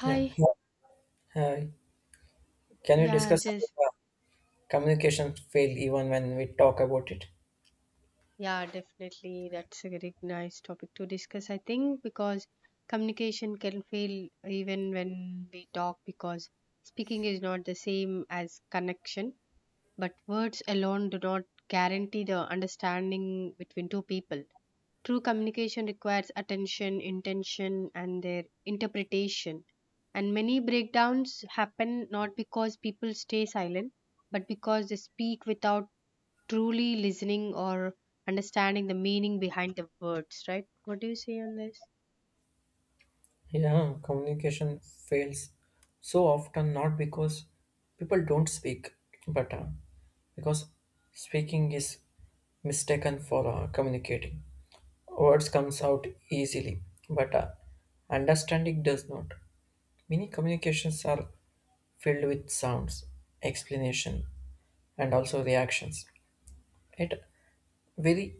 Yeah. Hi. Hi. Can we Yeah, discuss about just communication fail even when we talk about it? yeah, definitely. That's a very nice topic to discuss, I think, because communication can fail even when we talk because speaking is not the same as connection, but words alone do not guarantee the understanding between two people. True communication requires attention, intention, and their interpretation. And many breakdowns happen not because people stay silent, but because they speak without truly listening or understanding the meaning behind the words, right? What do you say on this? Yeah, communication fails so often not because people don't speak, but because speaking is mistaken for communicating. Words comes out easily, but understanding does not. Many communications are filled with sounds, explanation, and also reactions. Right? Very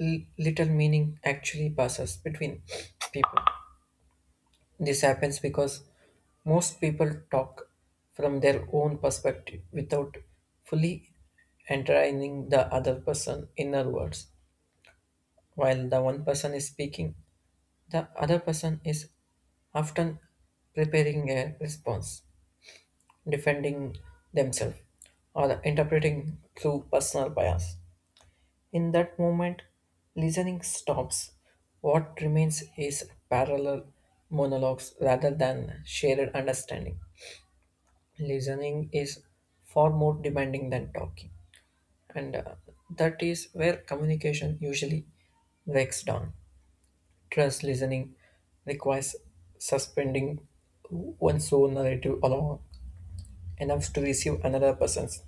little meaning actually passes between people. This happens because most people talk from their own perspective without fully entertaining the other person' inner words. While the one person is speaking, the other person is often preparing a response, defending themselves, or interpreting through personal bias. In that moment, listening stops. What remains is parallel monologues rather than shared understanding. Listening is far more demanding than talking, and that is where communication usually breaks down. Trust listening requires suspending one's own narrative along enough to receive another person's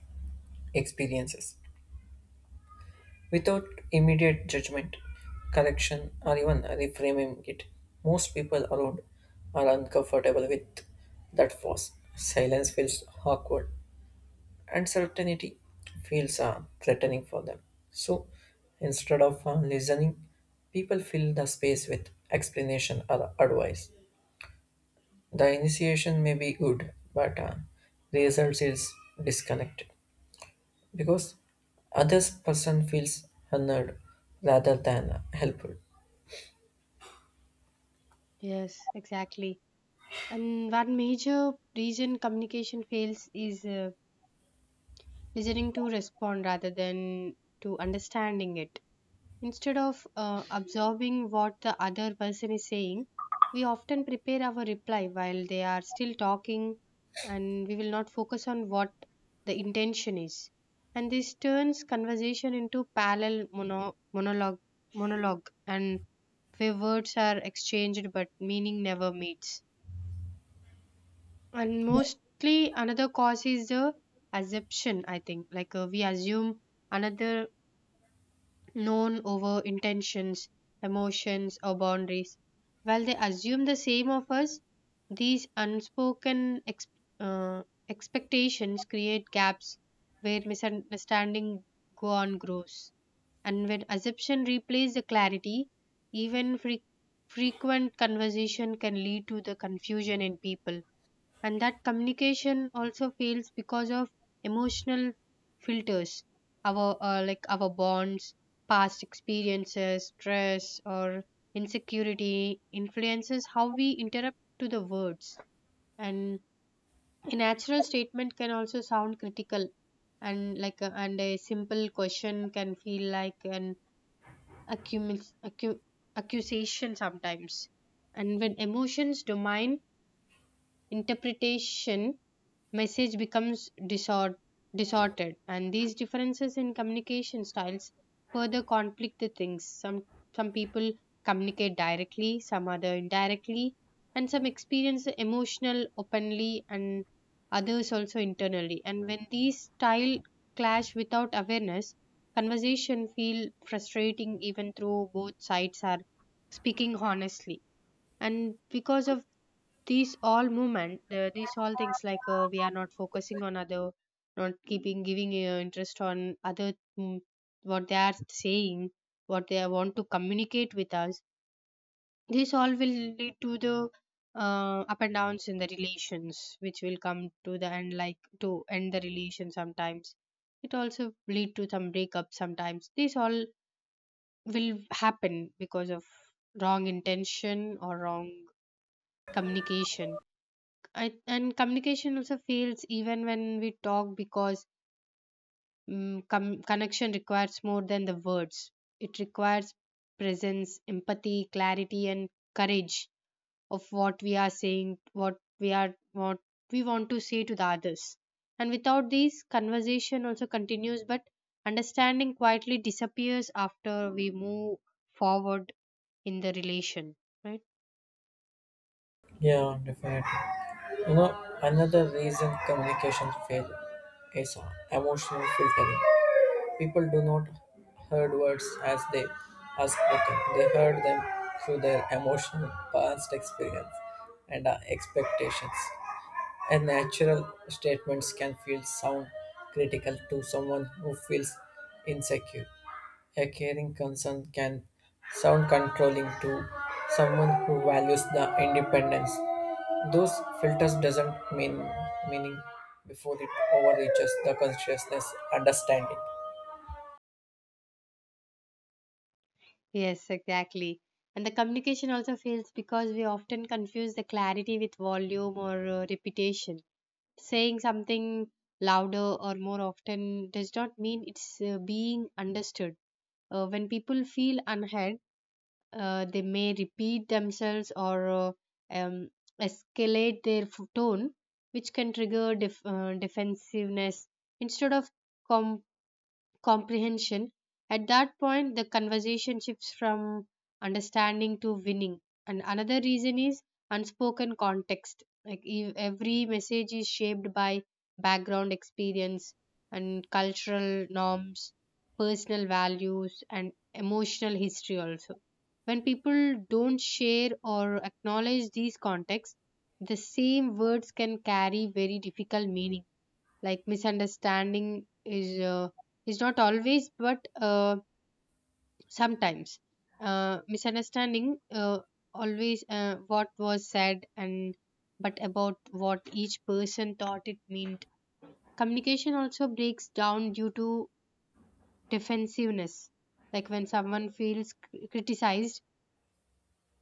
experiences. Without immediate judgment, correction, or even reframing it. Most people around are uncomfortable with that force. Silence feels awkward, and certainty feels threatening for them. So, instead of listening, people fill the space with explanation or advice. The initiation may be good, but the result is disconnected because other person feels honored rather than helpful. Yes, exactly. And one major reason communication fails is listening to respond rather than to understanding it. Instead of absorbing what the other person is saying, we often prepare our reply while they are still talking and we will not focus on what the intention is. And this turns conversation into parallel monologue and where words are exchanged but meaning never meets. And mostly another cause is the assumption, I think. Like we assume another known over intentions, emotions, or boundaries. While they assume the same of us, these unspoken uh, expectations create gaps where misunderstanding go on grows. And when assumption replaces the clarity, even frequent conversation can lead to the confusion in people. And that communication also fails because of emotional filters, our like our bonds, past experiences, stress, or insecurity influences how we interrupt to the words, and a natural statement can also sound critical, and and a simple question can feel like an accumu- accu- accusation sometimes. And when emotions domain interpretation, message becomes distorted, and these differences in communication styles further conflict the things. Some people communicate directly, some other indirectly, and some experience the emotional openly and others also internally. And when these style clash without awareness, conversation feel frustrating even though both sides are speaking honestly. And because of these all movement, these all things, like we are not focusing on other, not keeping giving interest on other, mm, what they are saying, what they want to communicate with us. This all will lead to the up and downs in the relations, which will come to the end, like to end the relation sometimes. It also lead to some breakup sometimes. This all will happen because of wrong intention or wrong communication. And communication also fails even when we talk because connection requires more than the words. It requires presence, empathy, clarity, and courage of what we are saying, what we want to say to the others. And without these, conversation also continues, but understanding quietly disappears after we move forward in the relation, right? Yeah, definitely. You know, another reason communication fail is emotional filtering. People do not heard words as they are spoken. They heard them through their emotional past experience and expectations. And natural statements can feel sound critical to someone who feels insecure. A caring concern can sound controlling to someone who values the independence. Those filters doesn't mean meaning before it overreaches the consciousness understanding. Yes, exactly. And the communication also fails because we often confuse the clarity with volume or repetition. Saying something louder or more often does not mean it's being understood. When people feel unheard, they may repeat themselves or um, escalate their tone, which can trigger defensiveness. Instead of com- comprehension. At that point, the conversation shifts from understanding to winning. And another reason is unspoken context. Like every message is shaped by background experience and cultural norms, personal values, and emotional history also. When people don't share or acknowledge these contexts, the same words can carry very difficult meaning, like misunderstanding is not always, but sometimes, misunderstanding always what was said and but about what each person thought it meant. Communication also breaks down due to defensiveness, like when someone feels criticized,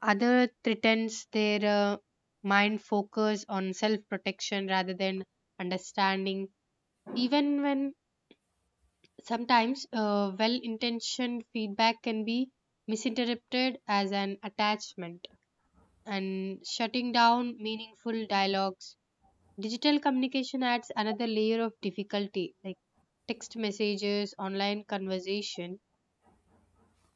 other threatens their mind, focus on self protection rather than understanding. Even when, sometimes well intentioned feedback can be misinterpreted as an attachment and shutting down meaningful dialogues. Digital communication adds another layer of difficulty, like text messages, online conversation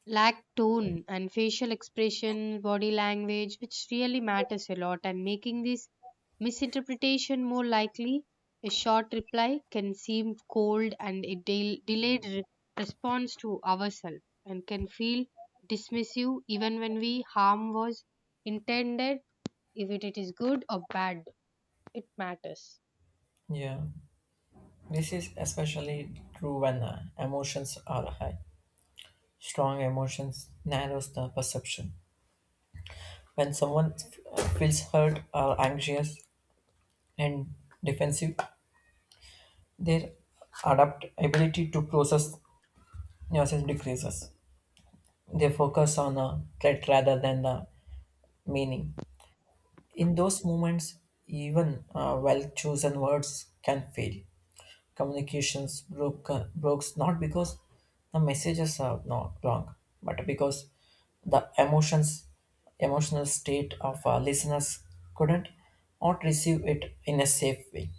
lack tone and facial expression, body language, which really matters a lot, and making this misinterpretation more likely. A short reply can seem cold, and a delayed response to ourselves and can feel dismissive even when we harm was intended. If it is good or bad, it matters. Yeah, this is especially true when emotions are high. Strong emotions narrows the perception. When someone feels hurt or anxious and defensive, their adapt ability to process yourself decreases. They focus on the threat rather than the meaning. In those moments, even well chosen words can fail. Communications broke, breaks not because the messages are not wrong, but because the emotions, emotional state of our listeners couldn't not receive it in a safe way.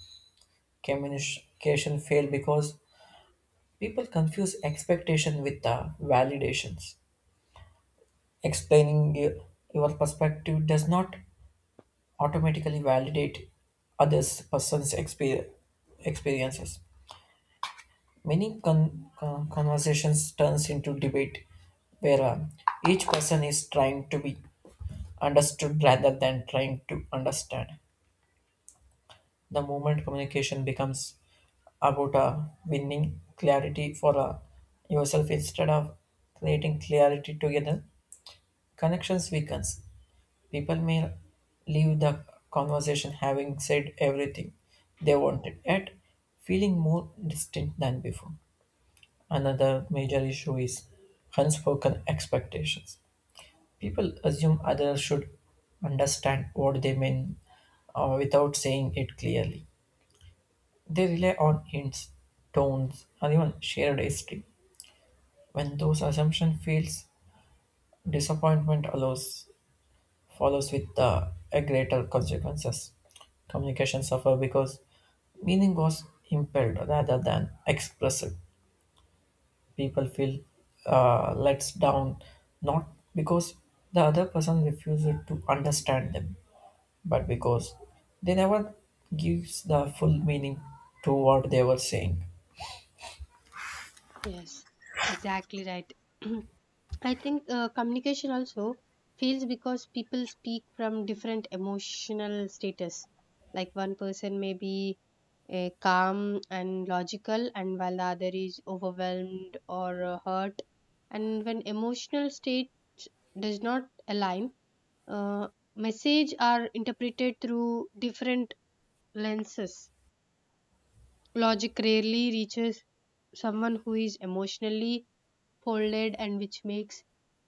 Communication failed because people confuse expectation with the validations. Explaining your perspective does not automatically validate others' person's experiences. Many conversations turns into debate where each person is trying to be understood rather than trying to understand. The moment communication becomes about winning clarity for yourself instead of creating clarity together, connections weakens. People may leave the conversation having said everything they wanted, yet feeling more distant than before. Another major issue is unspoken expectations. People assume others should understand what they mean without saying it clearly. They rely on hints, tones, or even shared history. When those assumptions fails, disappointment allows follows with the a greater consequences. Communication suffer because meaning was impelled rather than expressed. People feel let down not because the other person refuses to understand them, but because they never gives the full meaning to what they were saying. Yes, exactly right. I think communication also fails because people speak from different emotional status. Like one person may be calm and logical, and while the other is overwhelmed or hurt. And when emotional state does not align, uh, message are interpreted through different lenses. Logic rarely reaches someone who is emotionally folded, and which makes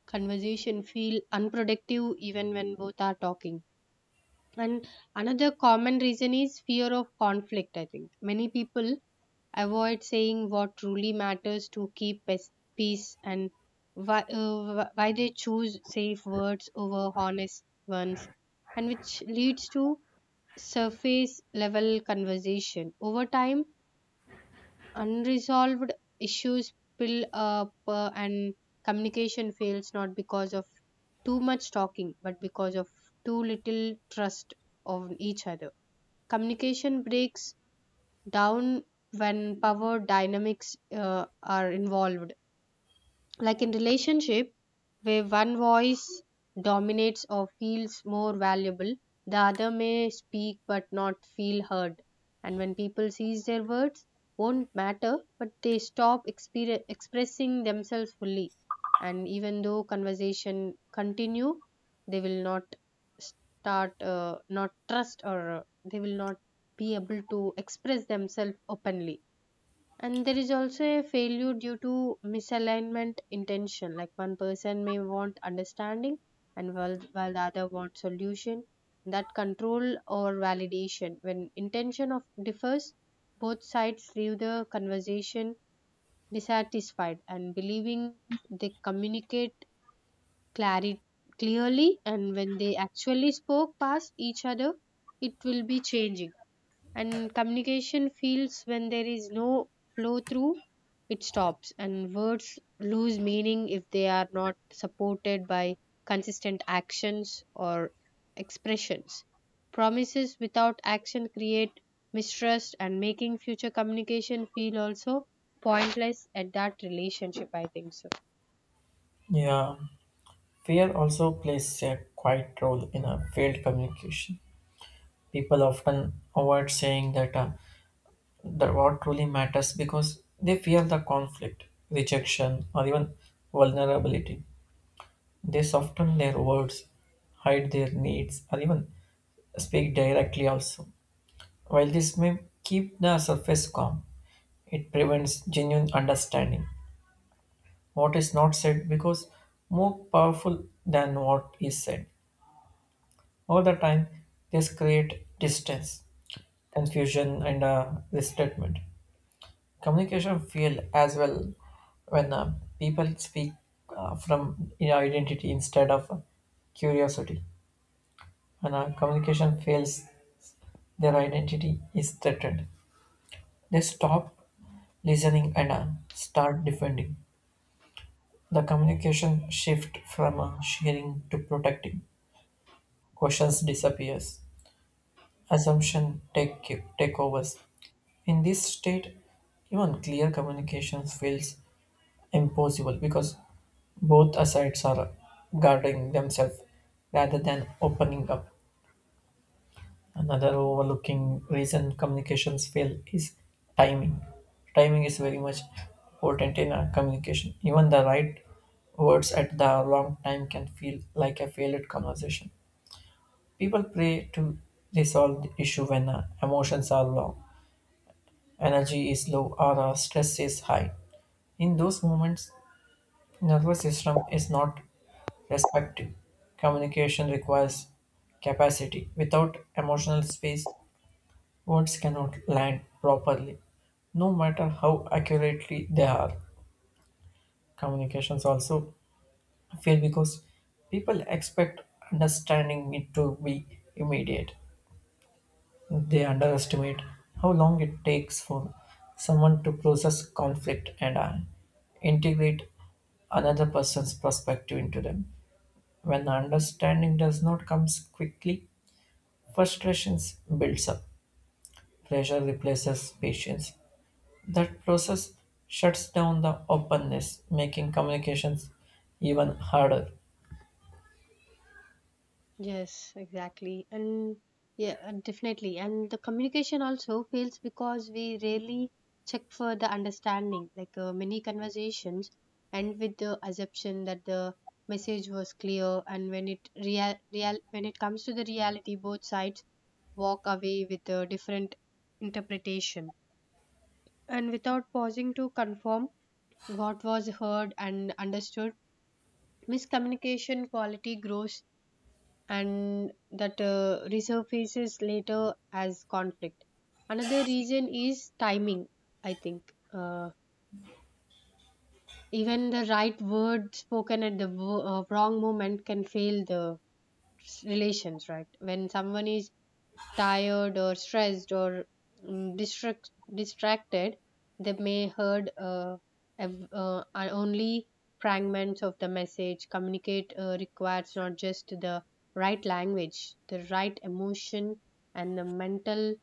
conversation feel unproductive even when both are talking. And another common reason is fear of conflict, I think. Many people avoid saying what truly matters to keep peace. And why they choose safe words over honest ones, and which leads to surface level conversation. Over time, unresolved issues pile up, and communication fails not because of too much talking but because of too little trust of each other. Communication breaks down when power dynamics are involved, like in relationship, where one voice dominates or feels more valuable, the other may speak but not feel heard. And when people sees their words won't matter, but they stop expressing themselves fully. And even though conversation continue, they will not start not trust or they will not be able to express themselves openly, and there is also a failure due to misalignment intention, like one person may want understanding, and while the other wants solution that control or validation. When intention of differs, both sides leave the conversation dissatisfied and believing they communicate clarity clearly, and when they actually spoke past each other, it will be changing. And communication feels when there is no flow through, it stops and words lose meaning if they are not supported by consistent actions or expressions. Promises without action create mistrust and making future communication feel also pointless at that relationship, I think so. Yeah, fear also plays a quiet role in a failed communication. People often avoid saying that what truly matters because they fear the conflict, rejection, or even vulnerability. They soften their words, hide their needs, or even speak directly also. While this may keep the surface calm, it prevents genuine understanding. What is not said because more powerful than what is said. All the time, this create distance, confusion, and resentment. Communication fail as well when people speak from you know, identity instead of curiosity. When communication fails, their identity is threatened. They stop listening and start defending. The communication shift from sharing to protecting. Questions disappears. Assumption takeovers. In this state, even clear communication fails impossible because both sides are guarding themselves rather than opening up. Another overlooking reason communications fail is timing. Timing is very much important in our communication. Even the right words at the wrong time can feel like a failed conversation. People pray to resolve the issue when emotions are low, energy is low, or stress is high. In those moments, nervous system is not respective. Communication requires capacity. Without emotional space, words cannot land properly, no matter how accurately they are. Communications also fail because people expect understanding it to be immediate. They underestimate how long it takes for someone to process conflict and integrate another person's perspective into them. When understanding does not come quickly, frustrations builds up, pressure replaces patience. That process shuts down the openness, making communications even harder. Yes, exactly. And yeah, definitely. And the communication also fails because we rarely check for the understanding. Like many conversations end with the assumption that the message was clear, and when it comes to the reality, both sides walk away with a different interpretation. And without pausing to confirm what was heard and understood, miscommunication quality grows and that resurfaces later as conflict. Another reason is timing, I think. Uh, Even the right word spoken at the wrong moment can fail the relations, right? When someone is tired or stressed or distracted, they may heard are only fragments of the message. Communicate requires not just the right language, the right emotion, and the mental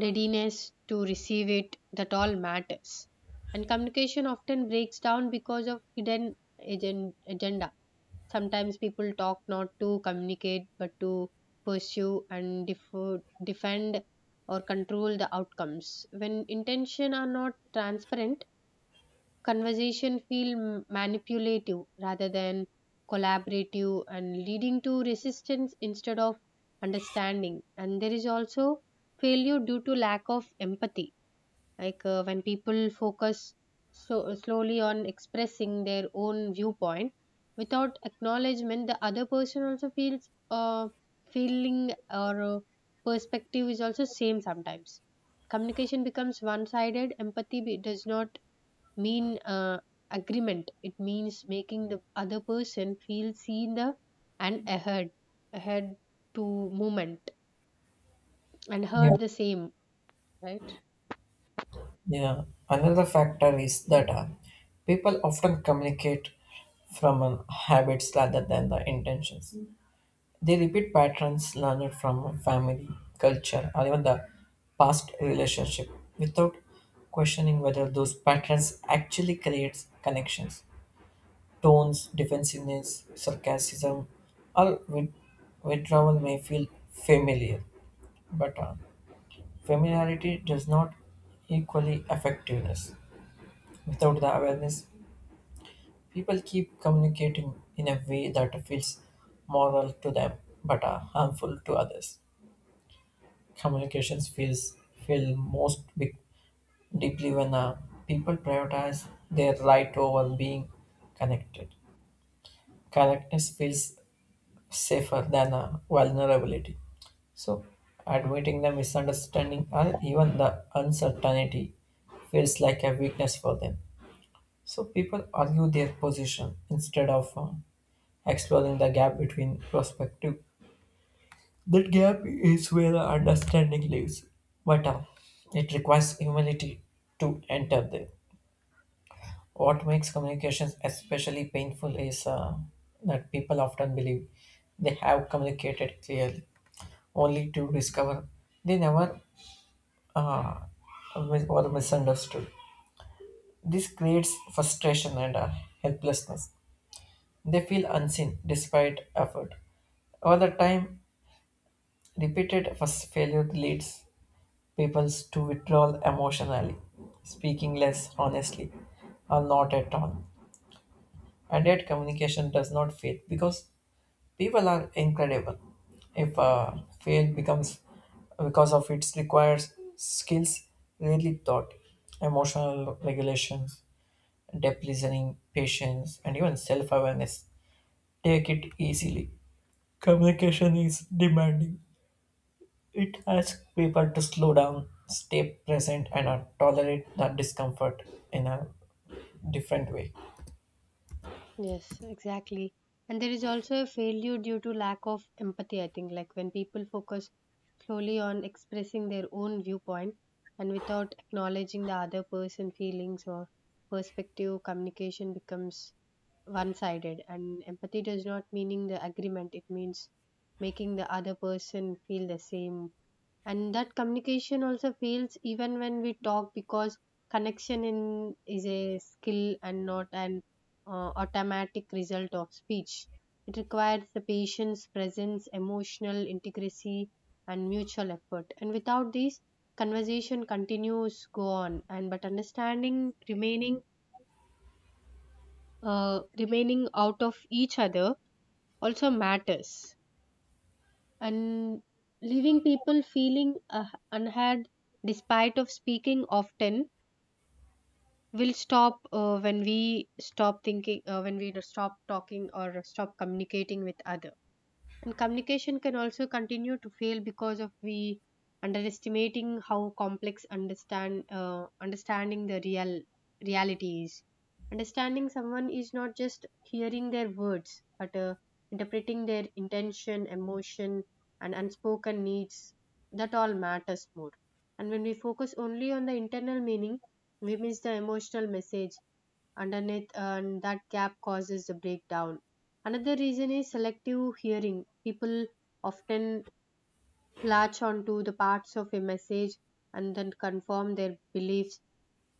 readiness to receive it. That all matters. And communication often breaks down because of hidden agenda. Sometimes people talk not to communicate but to pursue and defend or control the outcomes. When intention are not transparent, conversation feel manipulative rather than collaborative, and leading to resistance instead of understanding. And there is also failure due to lack of empathy, like when people focus so slowly on expressing their own viewpoint without acknowledgement the other person also feels feeling or perspective is also same sometimes. Communication becomes one sided. Empathy does not mean agreement. It means making the other person feel seen the and ahead to movement and Yeah. heard the same, right? Yeah, another factor is that people often communicate from habits rather than the intentions. They repeat patterns learned from family, culture, or even the past relationship without questioning whether those patterns actually creates connections. Tones, defensiveness, sarcasm, or withdrawal may feel familiar, but familiarity does not equally effectiveness. Without the awareness, people keep communicating in a way that feels moral to them but harmful to others. Communications feels feel most big, deeply when people prioritize their right over being connected. Correctness feels safer than vulnerability. So, admitting the misunderstanding or even the uncertainty feels like a weakness for them. So, people argue their position instead of exploring the gap between perspective. That gap is where the understanding lives, but it requires humility to enter there. What makes communications especially painful is that people often believe they have communicated clearly only to discover they never uh, or misunderstood. This creates frustration and helplessness. They feel unseen despite effort. Over the time, repeated first failure leads people to withdraw emotionally, speaking less honestly, or not at all. And yet, communication does not fail because people are incredible. If fail becomes because of its requires skills, really thought, emotional regulations, deep listening, patience, and even self awareness take it easily. Communication is demanding. It asks people to slow down, stay present, and tolerate the discomfort in a different way. Yes, exactly. And there is also a failure due to lack of empathy, I think, like when people focus solely on expressing their own viewpoint and without acknowledging the other person's feelings or perspective, communication becomes one sided. And empathy does not meaning the agreement, it means making the other person feel the same. And that communication also fails even when we talk because connection in is a skill and not an automatic result of speech. It requires the patience, presence, emotional integrity, and mutual effort. And without these, conversation continues go on, and but understanding remaining out of each other also matters, and leaving people feeling unheard despite of speaking often will stop when we stop talking or stop communicating with others. And communication can also continue to fail because of we underestimating how complex understanding the reality is. Understanding someone is not just hearing their words but interpreting their intention, emotion, and unspoken needs. That all matters more. And when we focus only on the internal meaning, we miss the emotional message underneath, and that gap causes the breakdown. Another reason is selective hearing. People often latch onto the parts of a message and then confirm their beliefs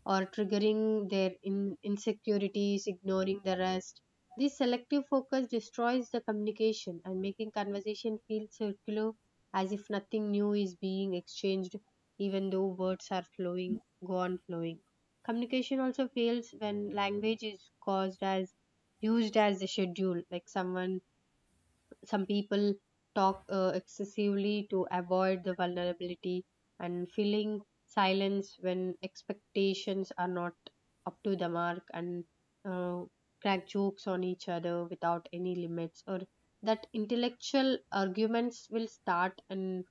or triggering their insecurities, ignoring the rest. This selective focus destroys the communication and making conversation feel circular as if nothing new is being exchanged, even though words are flowing, go on flowing. Communication also fails when language is caused as used as a schedule, like some people talk excessively to avoid the vulnerability and feeling silence when expectations are not up to the mark and uh, crack jokes on each other without any limits or that intellectual arguments will start and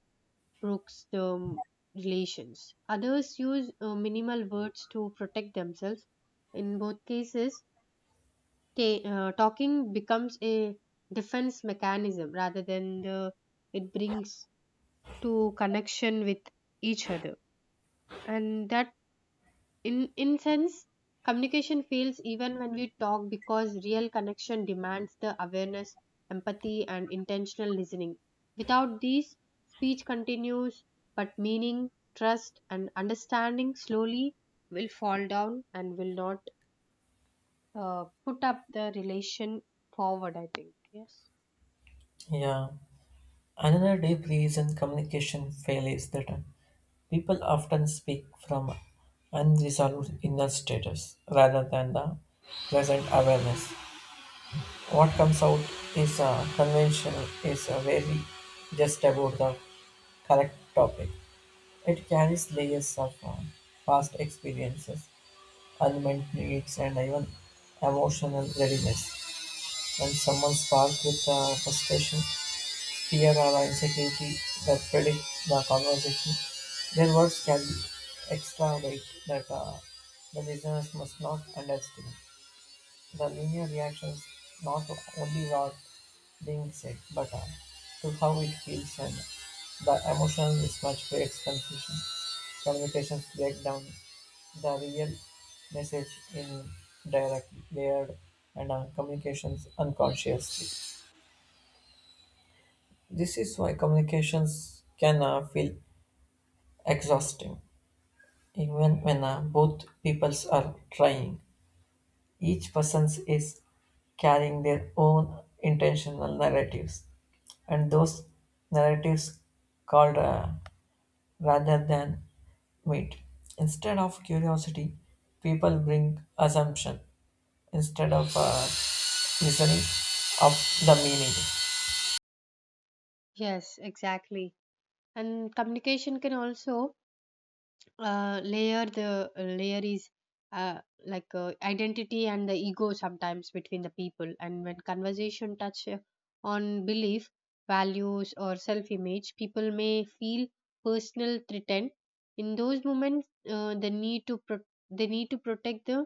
breaks the relations, others use minimal words to protect themselves. In both cases, talking becomes a defense mechanism rather than the it brings to connection with each other. And that, in sense, communication fails even when we talk because real connection demands the awareness, empathy, and intentional listening. Without these, speech continues, but meaning, trust, and understanding slowly will fall down and will not put up the relation forward, I think. Yes. Yeah. Another deep reason communication fail is that people often speak from unresolved inner status rather than the present awareness. What comes out is conventional is very just about the correct topic. It carries layers of past experiences, unmet needs, and even emotional readiness. When someone sparked with frustration, fear, or insecurity that predict the conversation, their words can extravagate that the listeners must not underestimate. The linear reactions not only what being said, but to how it feels and the emotional mismatch creates confusion. Communications break down the real message in direct, layered, and communications unconsciously. This is why communications can feel exhausting, even when both peoples are trying. Each person is carrying their own intentional narratives, and those narratives called rather than wait. Instead of curiosity, people bring assumption instead of listening of the meaning. Yes, exactly. And communication can also layer the layer is uh, like identity and the ego sometimes between the people. And when conversation touch on belief, values, or self-image, people may feel personal threatened. In those moments, they need to they need to protect the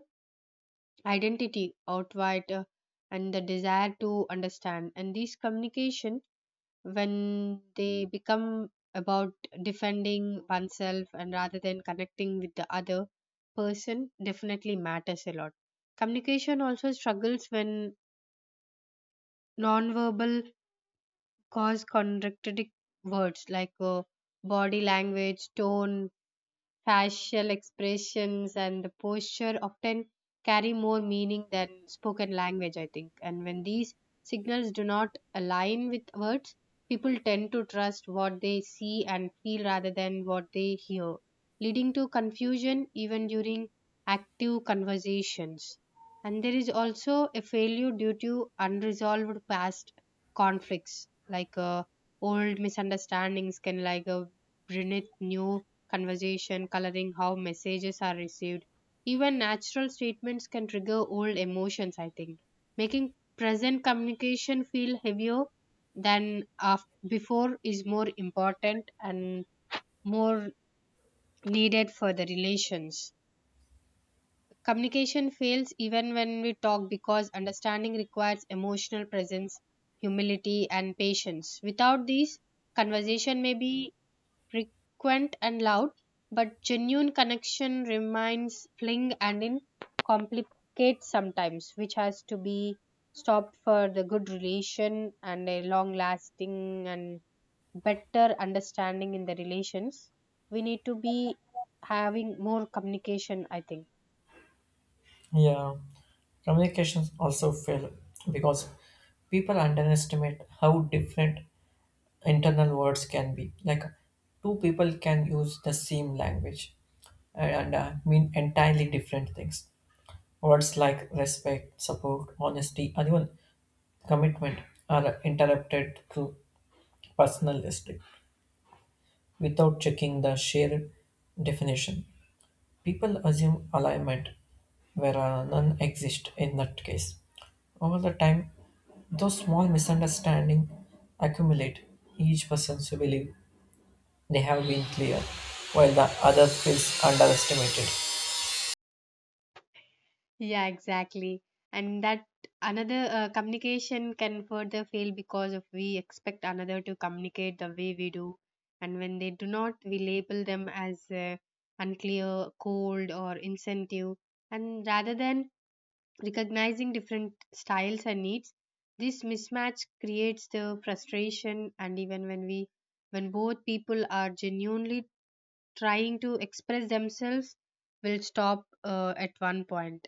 identity outright, and the desire to understand. And this communication, when they become about defending oneself and rather than connecting with the other person, definitely matters a lot. Communication also struggles when nonverbal cause contradictory words, like body language, tone, facial expressions, and the posture often carry more meaning than spoken language, I think. And when these signals do not align with words, people tend to trust what they see and feel rather than what they hear, leading to confusion even during active conversations. And there is also a failure due to unresolved past conflicts, like old misunderstandings can like beneath new conversation, coloring how messages are received. Even natural statements can trigger old emotions, I think, making present communication feel heavier than before is more important and more needed for the relations. Communication fails even when we talk because understanding requires emotional presence, humility, and patience. Without these, conversation may be frequent and loud, but genuine connection remains fling and in complicate sometimes, which has to be stopped for the good relation and a long lasting and better understanding in the relations. We need to be having more communication, I think. Yeah, communications also fail because people underestimate how different internal words can be. Like two people can use the same language and mean entirely different things. Words like respect, support, honesty, and even commitment are interrupted through personalistic without checking the shared definition. People assume alignment where none exist in that case. Over the time, those small misunderstandings accumulate. Each person to believe they have been clear, while the other feels underestimated. Yeah, exactly. And that, another communication can further fail because of we expect another to communicate the way we do. And when they do not, we label them as unclear, cold, or insensitive. And rather than recognizing different styles and needs, this mismatch creates the frustration. And even when we, when both people are genuinely trying to express themselves will stop at one point point.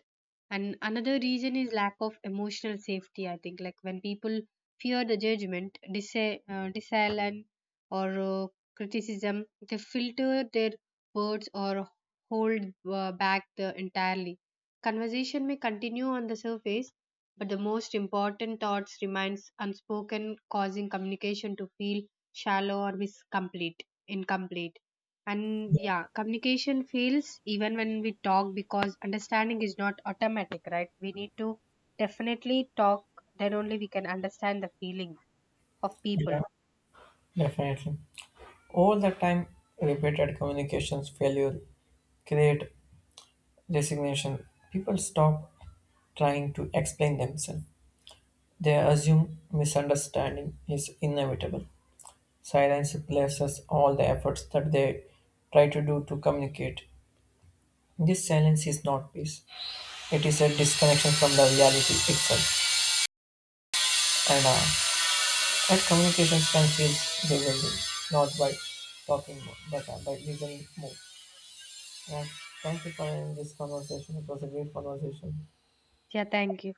And another reason is lack of emotional safety, I think, like when people fear the judgment, disallowance or uh, criticism, they filter their words or hold back the entirely. Conversation may continue on the surface, but the most important thoughts remains unspoken, causing communication to feel shallow or miscomplete incomplete. And yeah, communication fails even when we talk because understanding is not automatic, right? We need to definitely talk, then only we can understand the feeling of Yeah, people. definitely. All the time, repeated communications failure create resignation. People stop trying to explain themselves. They assume misunderstanding is inevitable. Silence replaces all the efforts that they try to do to communicate. This silence is not peace. It is a disconnection from the reality itself. And that communication can feel revealing, not by talking more, but by listening more. Yeah. Thank you for having this conversation. It was a great conversation. Yeah, thank you.